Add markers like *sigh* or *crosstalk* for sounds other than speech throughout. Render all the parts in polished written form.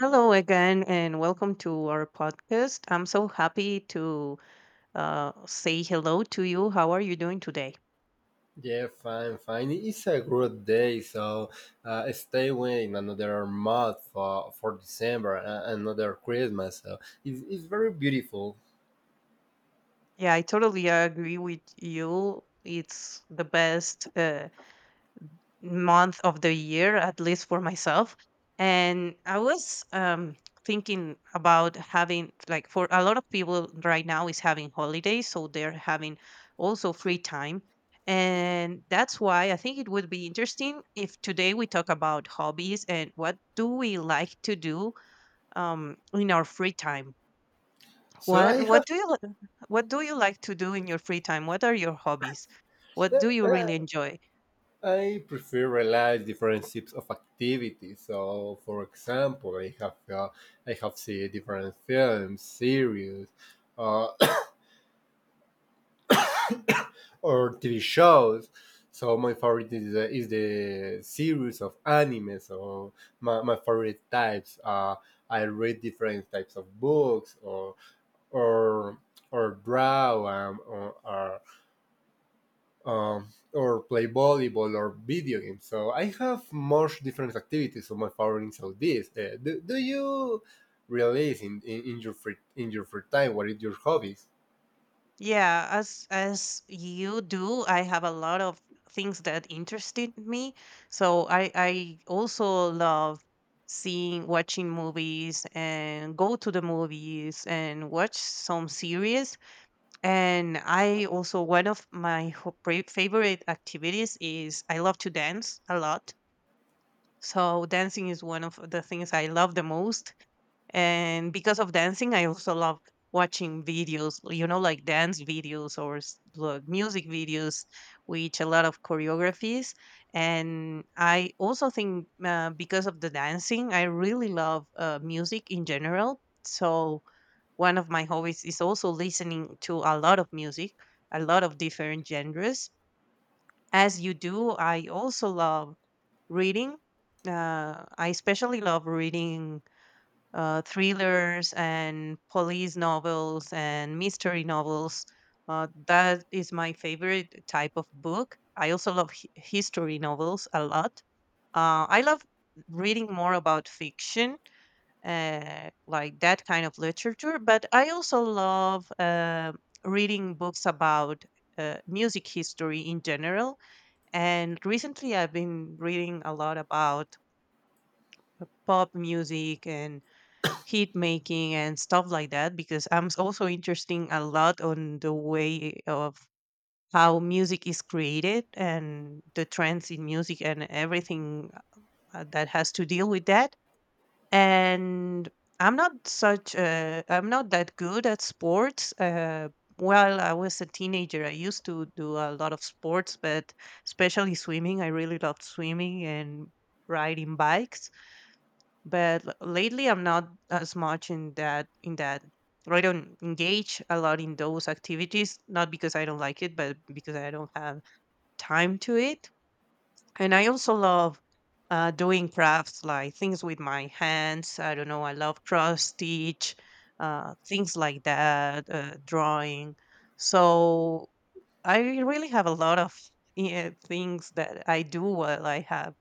Hello again, and welcome to our podcast. I'm so happy to say hello to you. How are you doing today? Yeah, fine, fine. It's a good day, so stay waiting another month for, December, another Christmas. So it's very beautiful. Yeah, I totally agree with you. It's the best. Month of the year, at least for myself. And I was thinking about having, like, for a lot of people right now is having holidays, so they're having also free time. And that's why I think it would be interesting if today we talk about hobbies and what do we like to do in our free time. So What I what have do you li- what do you like to do in your free time? What are your hobbies? What *laughs* do you uh, really enjoy? I prefer realize different types of activities. So, for example, I have seen different films, series, uh, or TV shows. So my favorite is is the series of anime. So my favorite types. I read different types of books or or draw um, or play volleyball or video games. So I have much different activities. So my favorites are this. Do you realize in your free time what is your hobbies? Yeah, as you do, I have a lot of things that interested me. So I also love seeing watching movies and go to the movies and watch some series. And I also one of my favorite activities is I love to dance a lot. So dancing is one of the things I love the most, and because of dancing, I also love watching videos, you know, like dance videos or like music videos, which a lot of choreographies. And I also think, because of the dancing, I really love music in general. So one of my hobbies is also listening to a lot of music, a lot of different genres. As you do, I also love reading. I especially love reading thrillers and police novels and mystery novels. That is my favorite type of book. I also love history novels a lot. I love reading more about fiction, like that kind of literature, but I also love reading books about music history in general. And recently, I've been reading a lot about pop music and heat making and stuff like that, because I'm also interesting a lot on the way of how music is created and the trends in music and everything that has to deal with that. And I'm not that good at sports. Uh, well, I was a teenager. I used to do a lot of sports, but especially swimming. I really loved swimming and riding bikes, but lately I'm not as much in that, or I don't engage a lot in those activities, not because I don't like it, but because I don't have time to it. And I also love doing crafts, like things with my hands. I don't know, I love cross stitch, things like that, drawing. So I really have a lot of, yeah, things that I do while I have,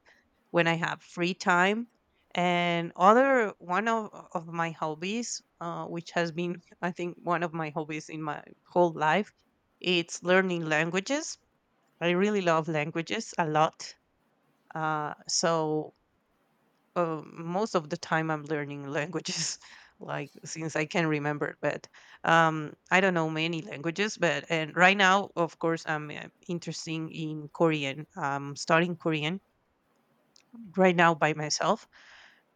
when I have free time. And other one of my hobbies, which has been, *laughs* I think, one of my hobbies in my whole life, it's learning languages. I really love languages a lot. Uh, so most of the time I'm learning languages, *laughs* like since I can remember. But I don't know many languages, but and right now, of course, I'm interested in Korean. I'm studying Korean right now by myself.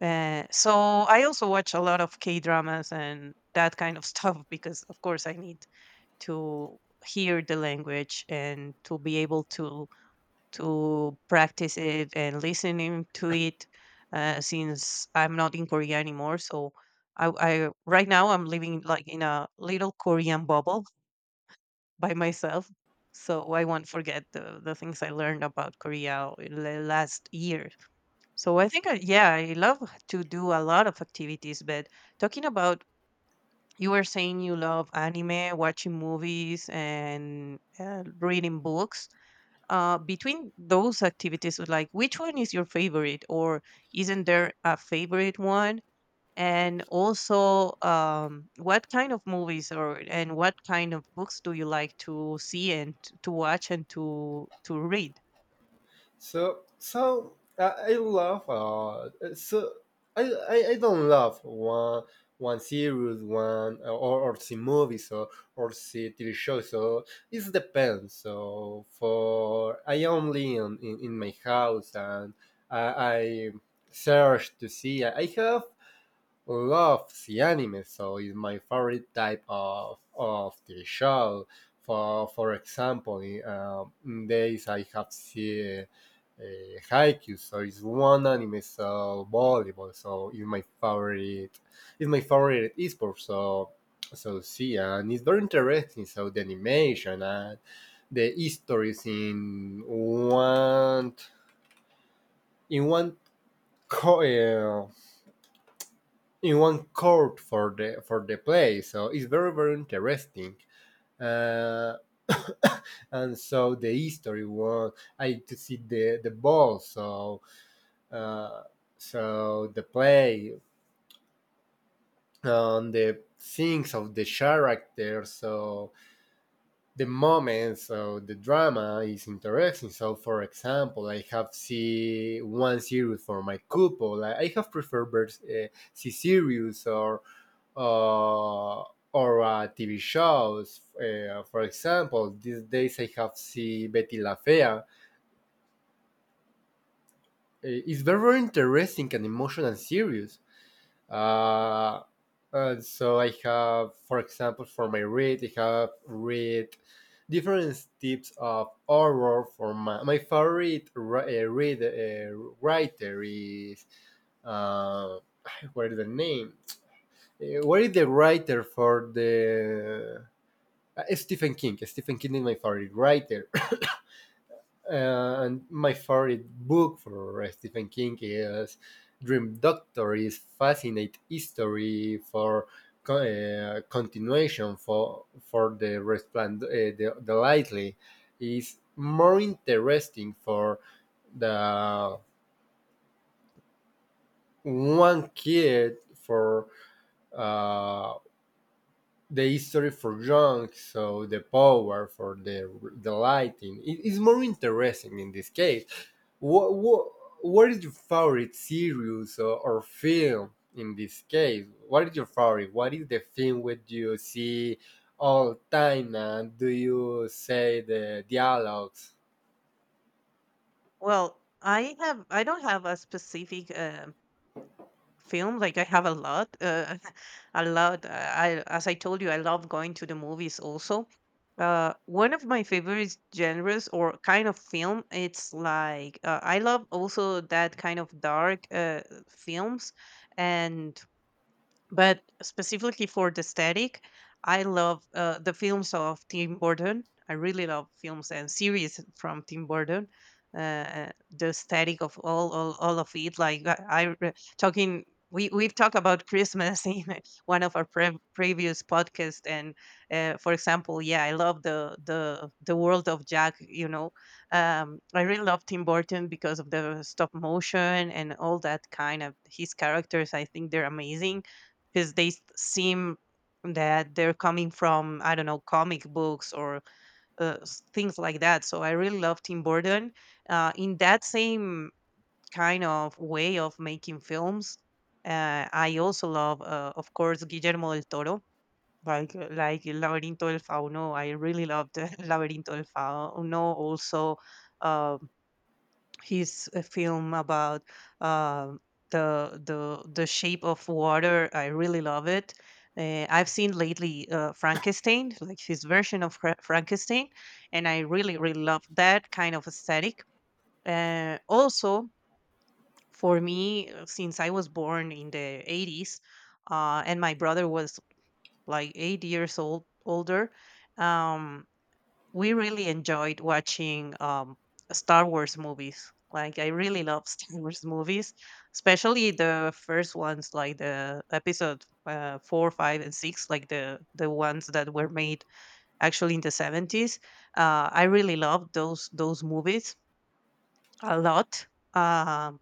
So I also watch a lot of K dramas and that kind of *laughs* stuff because, of course, I need to hear the language and to be able to practice it and listening to it. Since I'm not in Korea anymore, so I right now I'm living like in a little Korean bubble *laughs* by myself. So I won't forget the things I learned about Korea in the last year. So I think, yeah, I love to do a lot of activities. But talking about, you were saying you love anime, watching movies, and reading books. Between those activities, like which one is your favorite, or isn't there a favorite one? And also, what kind of movies or and what kind of books do you like to see and to watch and to read? So I love so I, I don't love one series one or see movies or see TV shows, so it depends so for I only in my house and I search to see I have love the anime, so it's my favorite type of TV show. For example in days I have seen Haikyuu. So it's one anime. So volleyball. So it's my favorite. It's my favorite esport. So so see, and it's very interesting. So the animation and the histories in one in one co- uh, in one court for the play. So it's very very interesting. Uh, *coughs* and so the history one, I to see the ball. So Uh, so the play on the things of the character, so the moments, so the drama is interesting. So, for example, I have see one series for my couple. I have preferred uh, see series or uh, TV shows. For example, these days I have see Betty La Fea. It's very, very interesting and emotional series. Uh, so I have, for example, for my read, I have read different types of horror. For my favorite read writer is uh, what is the name? What is the writer for the Stephen King? Stephen King is my favorite writer. And my favorite book for Stephen King is Dream Doctor. Is fascinating history for continuation for the respland the lightly is more interesting for the one kid for uh, the history for young, so the power for the lighting it is more interesting in this case. What what what is your favorite series, or film in this case? What is your favorite? What is the film which you see all time and do you say the dialogues? Well, I don't have a specific film. Like I have a lot, *laughs* a lot. I As I told you, I love going to the movies. Also, one of my favorite genres or kind of film. It's like, I love also that kind of dark films, and but specifically for the static, I love the films of Tim Burton. I really love films and series from Tim Burton. The static of all of it. I re- talking, we we've talked about Christmas *laughs* in one of our previous podcasts. And for example, yeah, I love the world of Jack. You know, I really love Tim Burton because of the stop motion and all that kind of his characters. I think they're amazing because they seem that they're coming from, I don't know, comic books or things like that. So I really love Tim Burton in that same kind of way of making films. I also love, of course, Guillermo del Toro. Like El Laberinto del Fauno, I really loved *laughs* El Laberinto del Fauno. Also, uh, his film about uh, the shape of water. I really love it. I've seen lately Frankenstein, like his version of Frankenstein, and I really really love that kind of aesthetic. Also, for me, since I was born in the 80s, and my brother was like 8 years old older. Um, we really enjoyed watching Star Wars movies. Like I really love *laughs* Star Wars movies, especially the first ones, like the episode four, five, and six, like the ones that were made actually in the 70s. I really love those movies a lot. Um,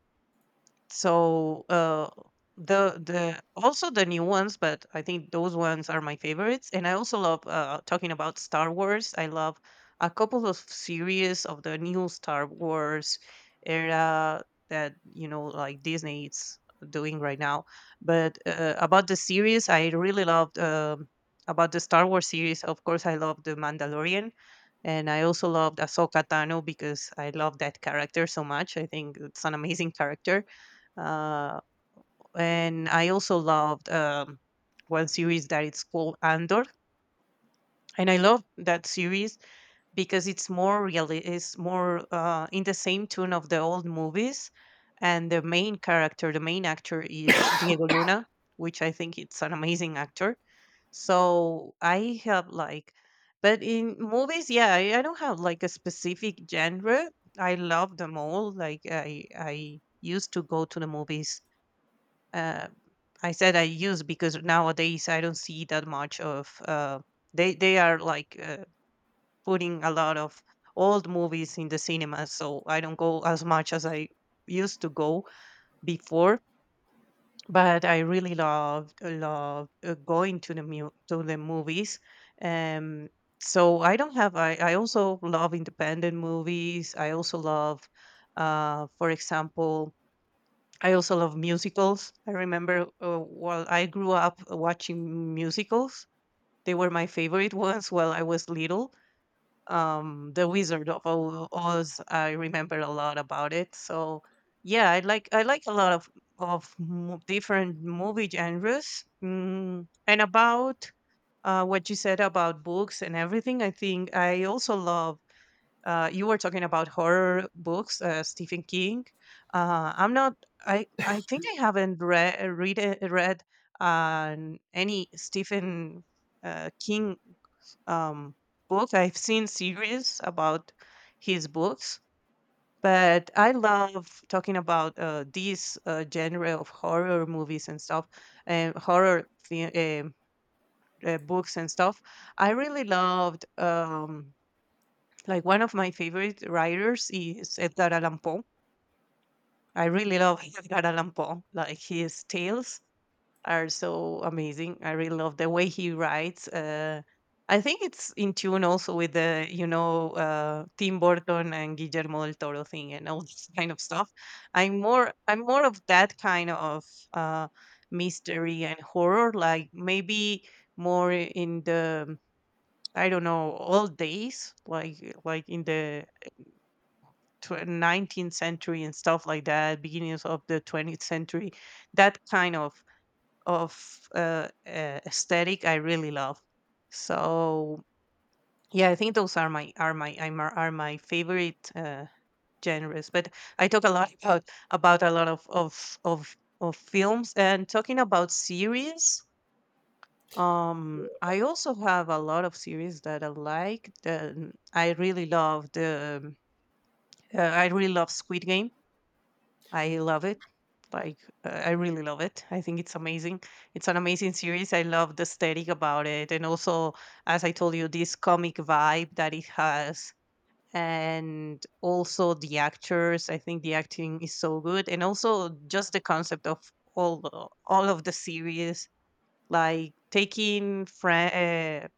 so the also the new ones, but I think those ones are my favorites. And I also love, talking about Star Wars, I love a couple of series of the new Star Wars era that, you know, like Disney is doing right now. But about the series, I really loved, about the Star Wars series. Of course, I love the Mandalorian. And I also loved Ahsoka Tano because I love that character so much. I think it's an amazing character, uh, and I also loved one series that it's called Andor, and I love that series because it's more really it's more in the same tune of the old movies, and the main character, the main actor is Diego Luna, which I think it's an amazing actor. So I have like, but in movies, yeah, I don't have like a specific genre. I love them all. Like I used to go to the movies. uh, I said I use because nowadays I don't see that much of, they are like, putting a lot of old movies in the cinema, so I don't go as much as I used to go before. But I really loved going to the to the movies. Um, so I don't have. I also love independent movies. I also love, for example, I also love musicals. I remember while I grew up watching musicals, they were my favorite *laughs* ones while I was little. The Wizard of Oz, I remember a lot about it. So yeah, I like a lot of different movie genres. Mm, and about what you said about books and everything, I think I also love, you were talking about horror books, Stephen King. I'm not. I think I haven't read uh, any Stephen King um, book. I've seen series about his books, but I love talking about this genre of horror movies and stuff, and horror books and stuff. I really loved. Like one of my favorite writers is Edgar Allan Poe. I really love *laughs* Edgar Allan Poe. Like his tales are so amazing. I really love the way he writes. I think it's in tune also with the, you know, Tim Burton and Guillermo del Toro thing and all *laughs* this kind of stuff. I'm more of that kind of uh, mystery and horror. Like maybe more in the I don't know old days, like like in the 19th century and stuff like that, beginnings of the 20th century. That kind of aesthetic I really love. So yeah, I think those are my favorite genres. But I talk a lot about a lot of of films, and talking about series. I also have a lot of series that I like, that I really love the I really love Squid Game. I love it. Like I really love it. I think it's amazing. It's an amazing series. I love the aesthetic about it, and also, as I told you, this comic vibe that it has, and also the actors. I think the acting is so good, and also just the concept of all of the series, like taking friend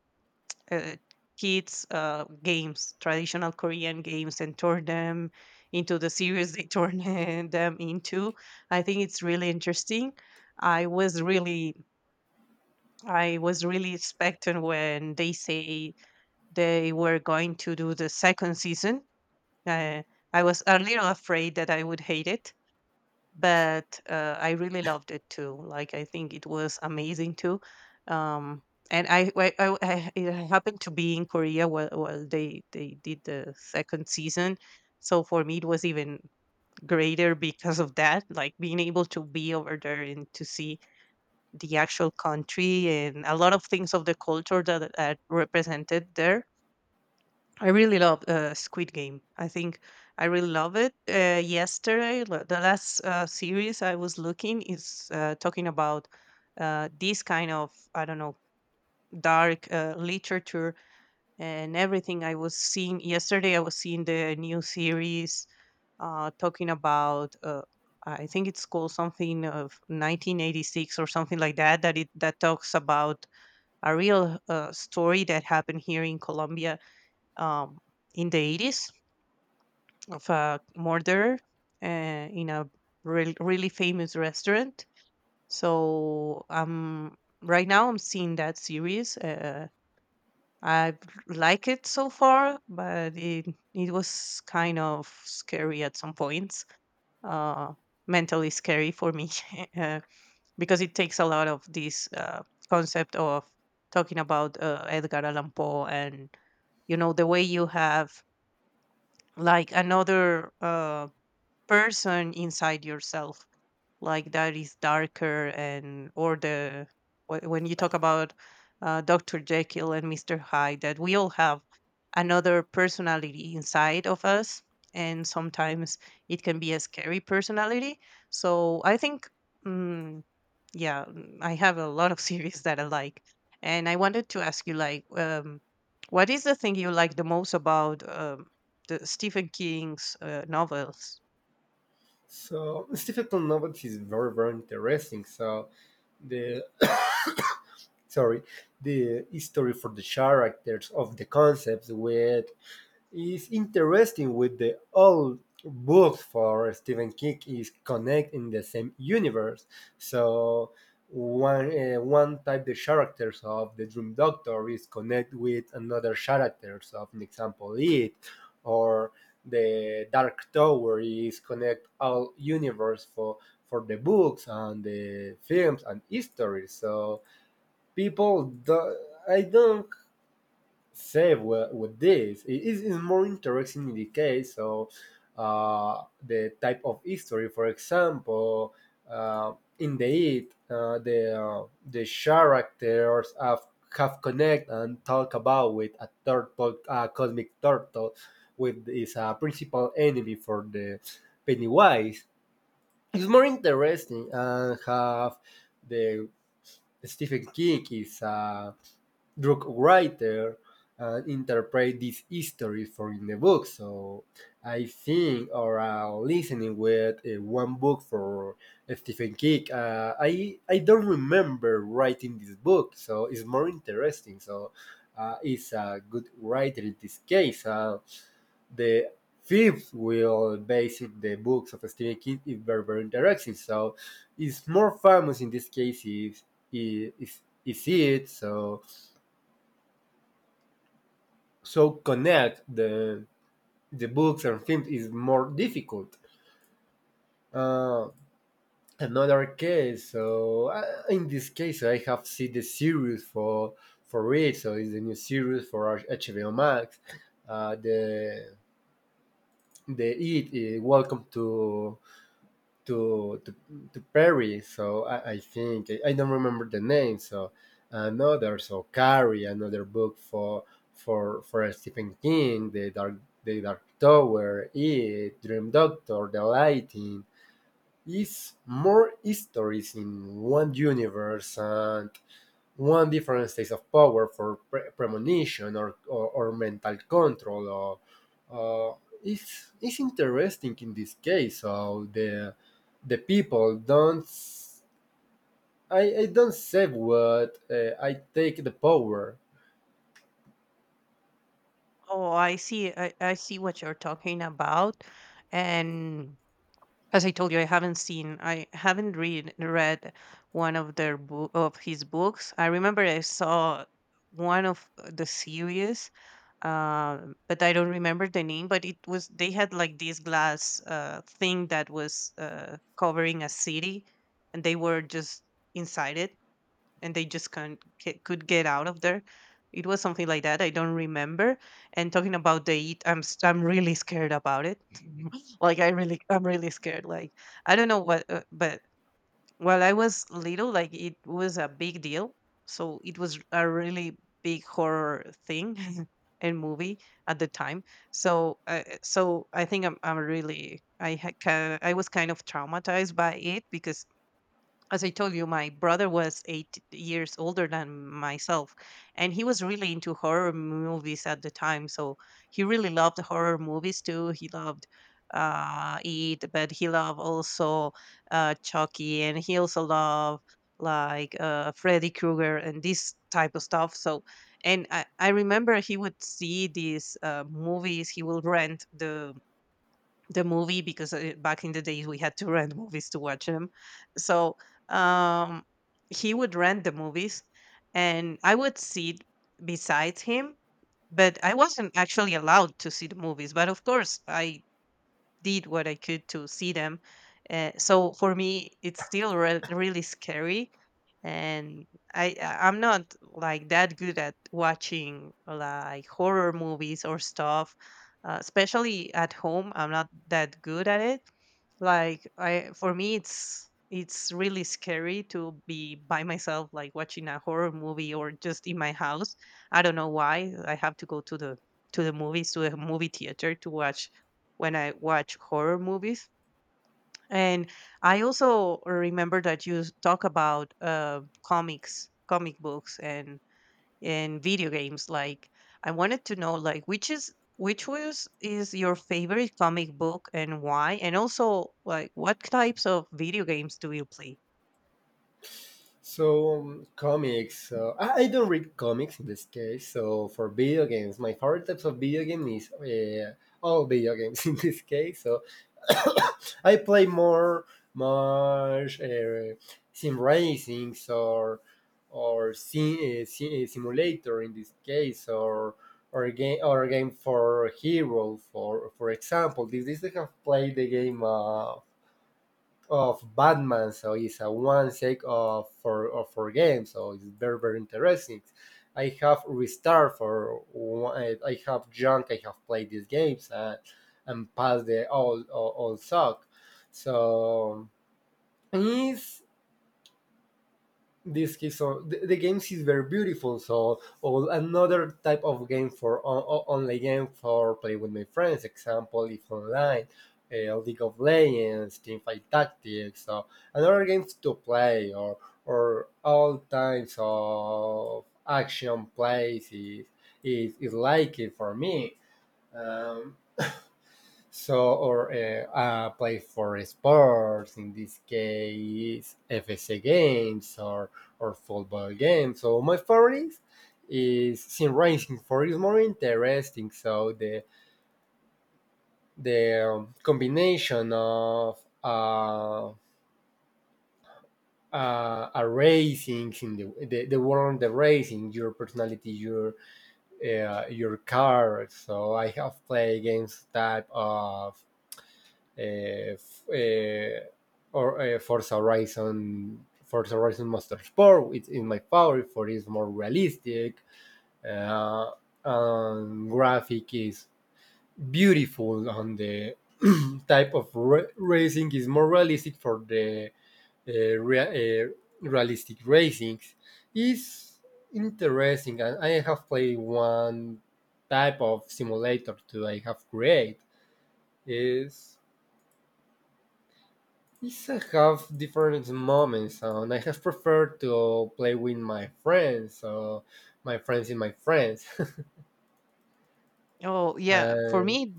uh, kids games, traditional Korean games, and turn them into the series they turn *laughs* them into. I think it's really interesting. I was really, I was really expecting when they say they were going to do the second season. Uh, I was a little afraid that I would hate it, but I really loved it too. Like I think it was amazing too. Um, and I happened to be in Korea while, they did the second season, so for me it was even greater because of that. Like being able to be over there and to see the actual country and a lot of things of the culture that are represented there. I really love Squid Game. I think I really love it. Yesterday, the last series I was looking is talking about this kind of, I don't know, dark literature and everything. I was seeing yesterday. I was seeing the new series talking about. I think it's called something of 1986 or something like that. That it that talks about a real story that happened here in Colombia, um, in the 80s, of a murder in a really famous restaurant. So right now I'm seeing that series. I like it so far, but it was kind of scary at some points. Uh, Mentally scary for me *laughs* uh, because it takes a lot of this concept of talking about Edgar Allan Poe and, you know, the way you have like another. Person inside yourself, like that is darker. And or the when you talk about Dr. Jekyll and Mr. Hyde, that we all have another personality inside of us, and sometimes it can be a scary personality. So I think, mm, yeah, I have a lot of *laughs* series that I like. And I wanted to ask you, like, what is the thing you like the most about, the Stephen King's novels? So Stephen novels is very very interesting. So the sorry the history for the characters of the concepts with is interesting with the old books for Stephen King is connect in the same universe. So one one type the characters of the Dream Doctor is connect with another characters of, an example, it or the Dark Tower is connect all universe for the books and the films and history. So people do, I don't save with this. It is more interesting in the case of the type of history. For example, uh, in the it, the characters have connect and talk about with a turtle, a cosmic turtle, with is a principal enemy for the Pennywise. It's more interesting and have the Stephen King is a drug writer and interpret this history for in the book. So I think or listening with one book for Stephen King. I don't remember writing this book, so it's more interesting. So it's a good writer in this case. The fifth will base in the books of Stephen King is very very interesting. So it's more famous in this case is it so so connect the books and films is more difficult. Uh, another case, so in this case, I have seen the series for it. So it's the new series for HBO Max. Uh, the Welcome to to to, to Perry. So I think I don't remember the name. So another so Carrie, another book for Stephen King, the Dark Tower, It, Dream Doctor, The Lighting. Is more histories in one universe and one different state of power for premonition or mental control or uh, it's interesting in this case so the people don't s- I don't say what I take the power. Oh, I see. I see what you're talking about. And as I told you, I haven't seen, I haven't read one of their book of his books. I remember I saw one of the series, uh, but I don't remember the name. But it was, they had like this glass thing that was covering a city, and they were just inside it, and they just can't ca- could get out of there. It was something like that. I don't remember. And talking about the eat, I'm really scared about it. *laughs* Like I really, I'm really scared. Like I don't know what, but while I was little, like, it was a big deal. So it was a really big horror thing, *laughs* and movie, at the time. So so I think I'm really I ha- ki- I was kind of traumatized by it, because as I told you, my brother was 8 years older than myself, and he was really into horror movies at the time. So he really loved horror movies too. He loved It, but he loved also Chucky, and he also loved like Freddy Krueger and this type of stuff. So, and I remember he would see these movies. He will rent the movie, because back in the days we had to rent movies to watch them. So um, he would rent the movies, and I would sit beside him. But I wasn't actually allowed to see the movies. But of course, I did what I could to see them. So for me, it's still really scary, and I'm not like that good at watching like horror movies or stuff, especially at home. I'm not that good at it. Like, I, for me, it's really scary to be by myself, like watching a horror movie, or just in my house. I don't know why. I have to go to the movies to the movie theater to watch when I watch horror movies. And I also remember that you talk about comics, comic books, and video games. Like, I wanted to know, like, which is, which was, is your favorite comic book, and why? And also, like, what types of video games do you play? So comics. I don't read comics in this case. So for video games, my favorite types of video game is all video games *laughs* in this case. So *coughs* I play more, much, sim racings or simulator in this case or game for hero for example. This I have played the game. Of Batman, so it's a one shake of for of four games, so it's very very interesting. I have restart for one, I have junk. I have played these games and passed the all all suck. So it's this case so the games is very beautiful so or another type of game for online game for play with my friends example if online league of legends teamfight tactics, so another games to play or all types of action plays is like it for me. Um, so, or play for sports, in this case, FSA games or football games. So, my favorite is sim racing for is more interesting. So, the combination of a racing in the world, the racing, your personality, your car. So, I have played games type of uh, uh, or Forza Horizon Motorsport. It's in my favorite for it's more realistic. Uh, and graphic is beautiful on the *clears throat* type of racing is more realistic for the uh, rea- uh, realistic racings is interesting and I have played one type of simulator too, I have created is. Yes, I have different moments, so, and I have preferred to play with my friends, so my friends in my friends. Oh *laughs* yeah, for and me.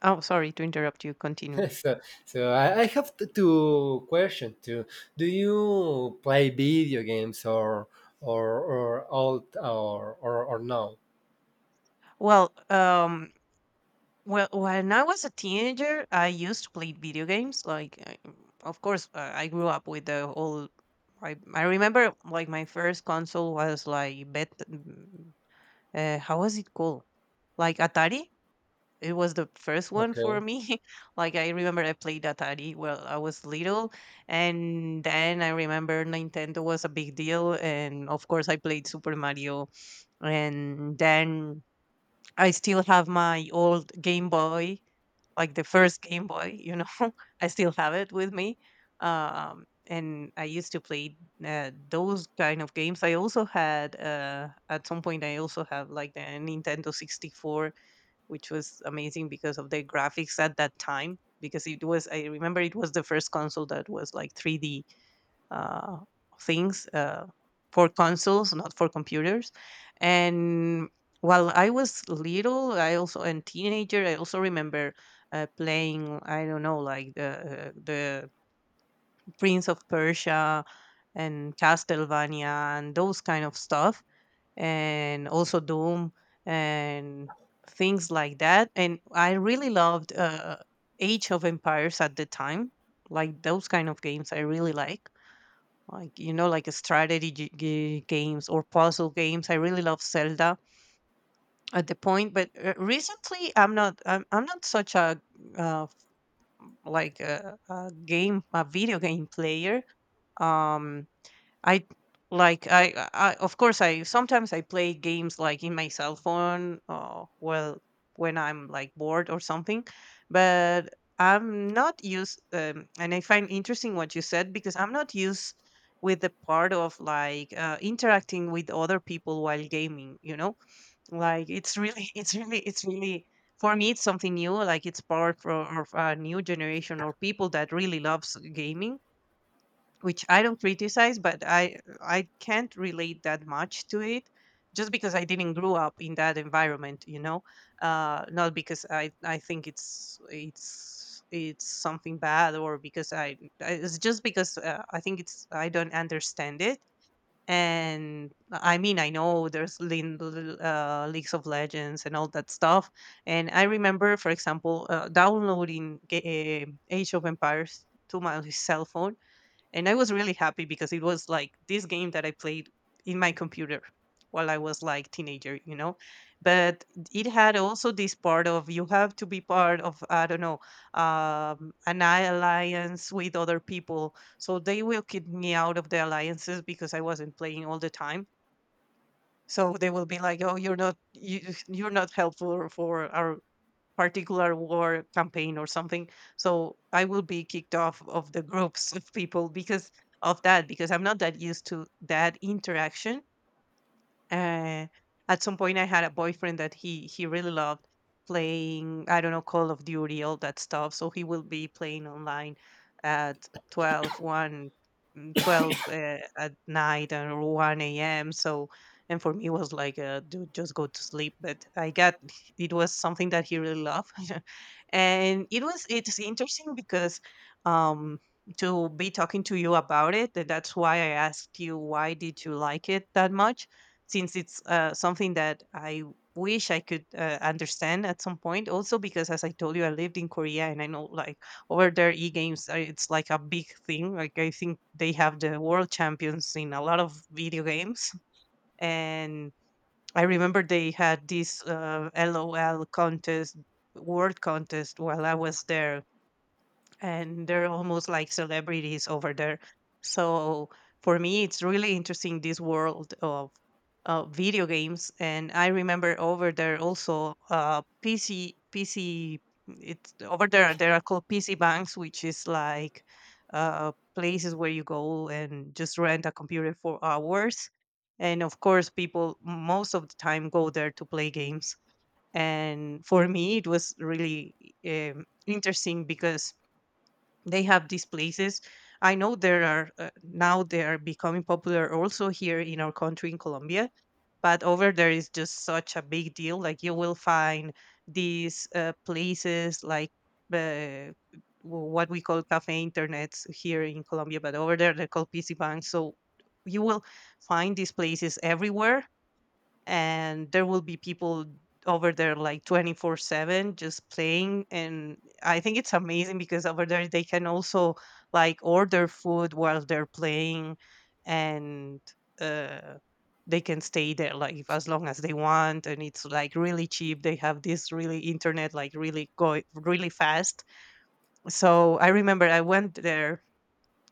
Oh, sorry to interrupt you. Continue. *laughs* so, so I have two questions too. Do you play video games or or no? Well, well, when I was a teenager, I used to play video games. Like, I- of course, I grew up with the whole. I remember like my first console was like bet. How was it called? Like Atari. It was the first one for Okay. me. *laughs* Like I remember I played Atari while I was little, and then I remember Nintendo was a big deal, and of course I played Super Mario. And then I still have my old Game Boy, like the first Game Boy, you know. *laughs* I still have it with me. And I used to play those kind of games. I also had, at some point, I also have like the Nintendo 64, which was amazing because of the graphics at that time. Because it was, I remember, it was the first console that was like 3D uh, things, for consoles, not for computers. And while I was little, I also, and teenager, I also remember playing, I don't know, like the Prince of Persia and Castlevania and those kind of stuff, and also Doom and things like that. And I really loved Age of Empires at the time. Like those kind of games, I really like, you know, like strategy games or puzzle games. I really love Zelda at the point. But recently I'm not such a uh, f- like a game a video game player. um I like, I of course, I sometimes I play games like in my cell phone, or well, when I'm like bored or something. But I'm not used, and I find interesting what you said, because I'm not used with the part of like interacting with other people while gaming, you know. Like, it's really *laughs* it's really, for me, it's something new. Like, it's part of, a new generation or people that really loves gaming, which I don't criticize, but I can't relate that much to it, just because I didn't grow up in that environment, you know. Not because I think it's something bad, or because it's just because, I think it's, I don't understand it. And I mean, I know there's leagues of legends and all that stuff. And I remember, for example, downloading Age of Empires to my cell phone, and I was really happy because it was like this game that I played in my computer while I was like teenager, you know. But it had also this part of, you have to be part of, I don't know, an alliance with other people, so they will kick me out of the alliances because I wasn't playing all the time. So they will be like, "Oh, you're not you, you're not helpful for our particular war campaign or something." So I will be kicked off of the groups *laughs* of people because of that, because I'm not that used to that interaction. uh, at some point, I had a boyfriend that he really loved playing, I don't know, Call of Duty, all that stuff. So he will be playing online at 12, one, 12 at night, and 1 a.m. So, and for me, it was like, dude, just go to sleep. But I got, it was something that he really loved. *laughs* And it was, it's interesting, because um to be talking to you about it, and that's why I asked you, why did you like it that much, since it's something that I wish I could understand at some point. Also, because as I told you, I lived in Korea, and I know, like, over there, e games, it's like a big thing. Like, I think they have the world champions in a lot of video games. And I remember they had this LOL contest, word contest, while I was there, and they're almost like celebrities over there. So for me, it's really interesting this world of video games. And I remember over there also uh, PC. It's over there. There are called PC banks, which is like places where you go and just rent a computer for hours. And of course, people most of the time go there to play games. And for me, it was really interesting because they have these places. I know there are now, they are becoming popular also here in our country in Colombia, but over there is just such a big deal. Like, you will find these places like uh, w- what we call cafe internets here in Colombia, but over there they're called PC banks. So you will find these places everywhere, and there will be people over there like 24/7 just playing. And I think it's amazing because over there they can also like order food while they're playing. And uh they can stay there like as long as they want, and it's like really cheap. They have this really internet, like really go really fast. So I remember I went there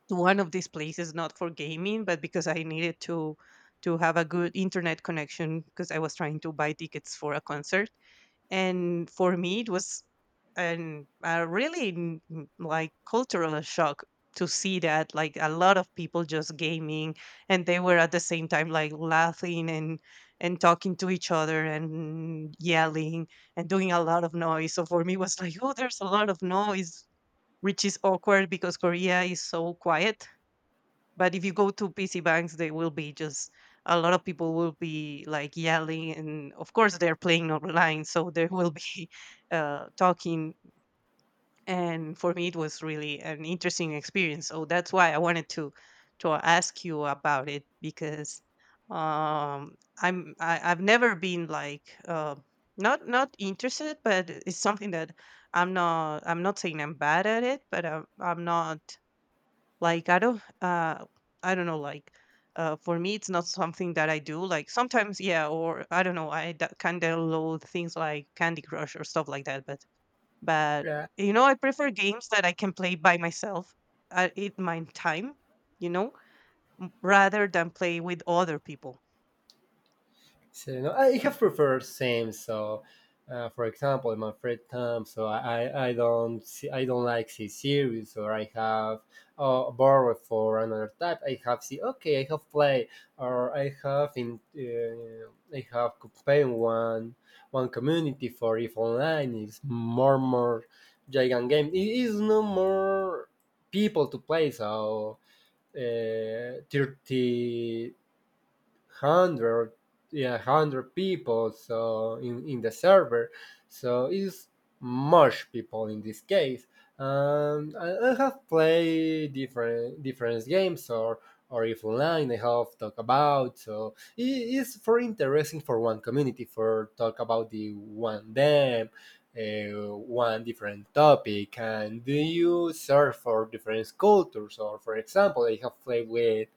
to one of these places, not for gaming, but because I needed to have a good internet connection because I was trying to buy tickets for a concert. And for me it was an a really like cultural shock to see that like a lot of people just gaming, and they were at the same time like laughing and talking to each other and yelling and doing a lot of noise. So for me it was like, oh, there's a lot of noise, which is awkward because Korea is so quiet. But if you go to PC banks, they will be just a lot of people will be like yelling, and of course they're playing online, so they will be *laughs* talking. And for me, it was really an interesting experience. So that's why I wanted to ask you about it because um, I've never been like not interested, but it's something that I'm not saying I'm bad at it, but I'm not like I don't know, like for me it's not something that I do. Like sometimes, yeah, or I don't know, I that kind of load things like Candy Crush or stuff like that, but but Yeah. you know I prefer games that I can play by myself at in my time, you know, rather than play with other people. So you know, I have preferred same. So, for example, in my free time, so I don't see, I don't like see series, or I have borrowed for another type. I have see okay, I have play, or I have in I have campaign one community for if online is more more giant game. It is no more people to play. So 30 hundred yeah hundred people so in the server, so it's much people in this case. I have played different different games or if online I have talk about, so it is for interesting for one community for talk about the one them one different topic and do you serve for different cultures? Or for example I have played with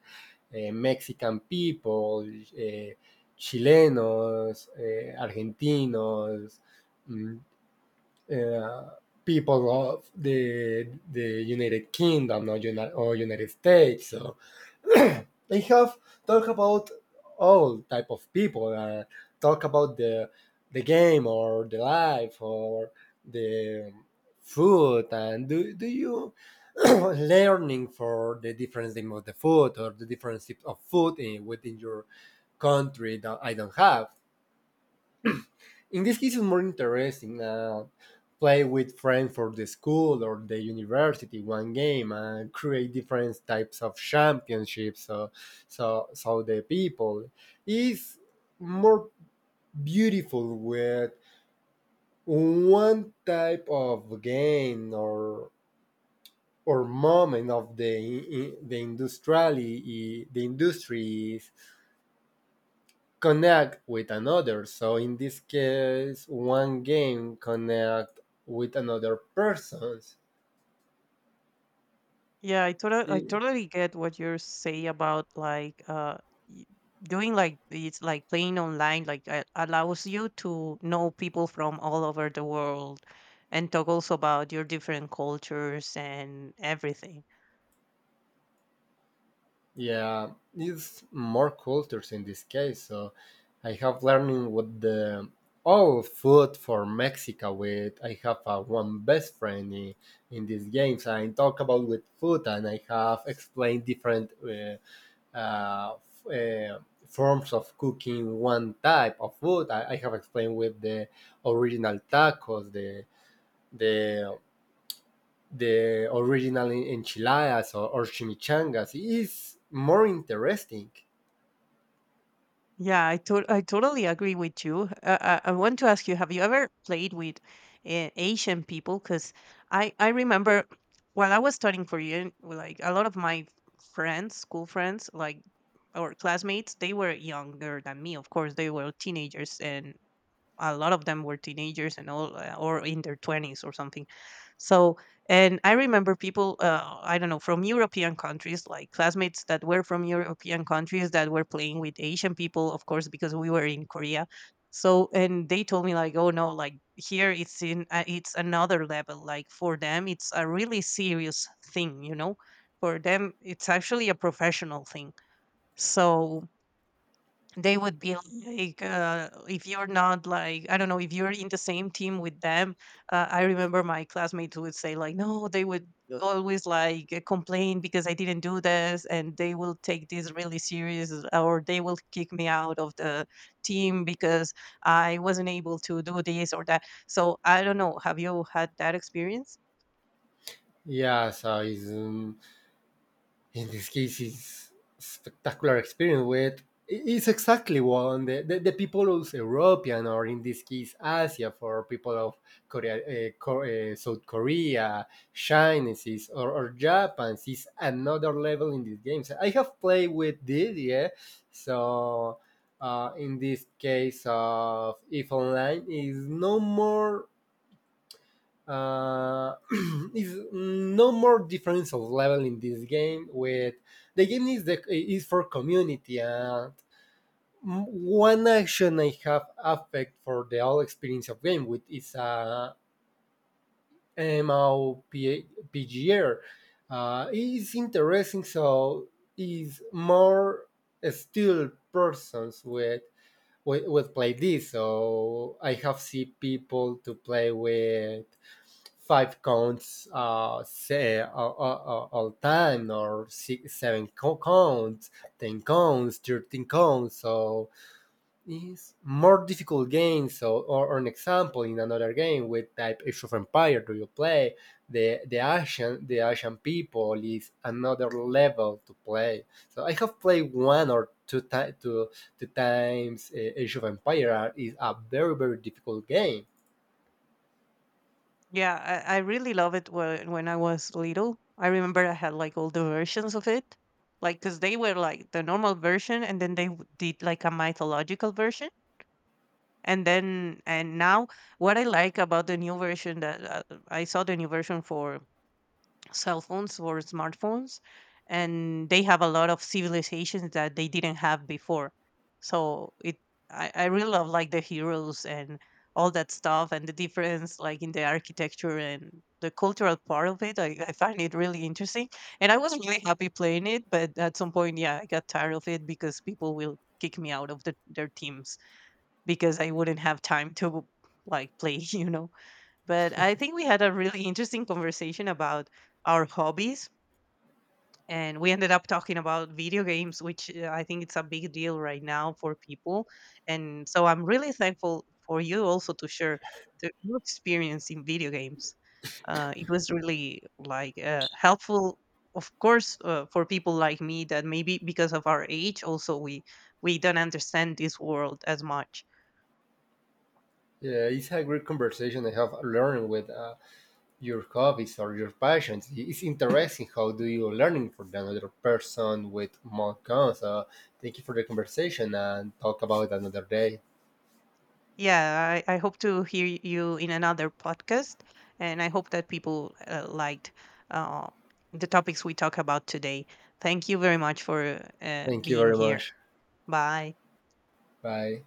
Mexican people, chilenos, argentinos, mm, eh, people of the United Kingdom or United States. So *clears throat* they have talk about all type of people talk about the game or the life or the food and do, do you *clears throat* learning for the different thing of the food or the different types of food within your country that I don't have in this case. It's more interesting play with friends for the school or the university one game create different types of championships, so the people is more beautiful with one type of game or moment of the industrially the industries connect with another. So in this case, one game connect with another persons. Yeah, I I- totally get what you're saying about like y- doing, like it's like playing online, like allows you to know people from all over the world and talk also about your different cultures and everything. yeah, it's more cultures in this case. So I have learning with the all food for Mexico with I have a one best friend in these games. I talk about with food and I have explained different uh, f- uh, forms of cooking one type of food. I have explained with the original tacos, the the original enchiladas or chimichangas. It's more interesting. Yeah, I totally agree with you. I want to ask you: have you ever played with Asian people? Because I remember while I was studying Korean, like a lot of my friends, school friends, like, or classmates, they were younger than me. Of course, they were teenagers, and a lot of them were teenagers and all or in their 20s or something. So, and I remember people, I don't know, from European countries, like classmates that were from European countries that were playing with Asian people, of course, because we were in Korea. So, and they told me like, oh no, like here it's in it's another level. Like for them it's a really serious thing, you know. For them it's actually a professional thing. So they would be like if you're not, like I don't know, if you're in the same team with them, I remember my classmates would say like no, they would always like complain because I didn't do this, and they will take this really serious or they will kick me out of the team because I wasn't able to do this or that. So I don't know, have you had that experience? Yeah, so it's in this case is spectacular experience with it's exactly one the people of European or in this case Asia for people of Korea, South Korea, Chinese or Japan is another level in these games. I have played with this, yeah. So in this case of if online is no more uh, *clears throat* is no more differential level in this game. With the game is the is for community and one action I have affect for the whole experience of game, which is a MMOPGR. It's interesting, so is more still persons with with play this. So I have seen people to play with five counts say all time or six seven counts 10 counts 13 counts, so it's more difficult game so or an example in another game with type age of empire do you play the asian the Asian people is another level to play. So I have played one or two 2 times age of empire is a very very difficult game. Yeah, I really love it when I was little. I remember I had like all the versions of it, like because they were like the normal version, and then they did like a mythological version, and then and now what I like about the new version that I saw the new version for cell phones or smartphones, and they have a lot of civilizations that they didn't have before. So it, I really love like the heroes and all that stuff, and the difference like in the architecture and the cultural part of it, I find it really interesting. And I was really happy playing it, but at some point, yeah, I got tired of it because people will kick me out of the, their teams because I wouldn't have time to like play *laughs* you know. But I think we had a really interesting conversation about our hobbies, and we ended up talking about video games, which I think it's a big deal right now for people. And so I'm really thankful for you also to share the, your experience in video games. It was really like helpful, of course, for people like me that maybe because of our age, also we don't understand this world as much. Yeah, it's a great conversation. I have learned with your hobbies or your passions. It's interesting how do you learning from another person with more guns. Thank you for the conversation and talk about another day. Yeah, I hope to hear you in another podcast, and I hope that people liked uh, the topics we talk about today. Thank you very much for Thank you being very here. much. Bye. Bye.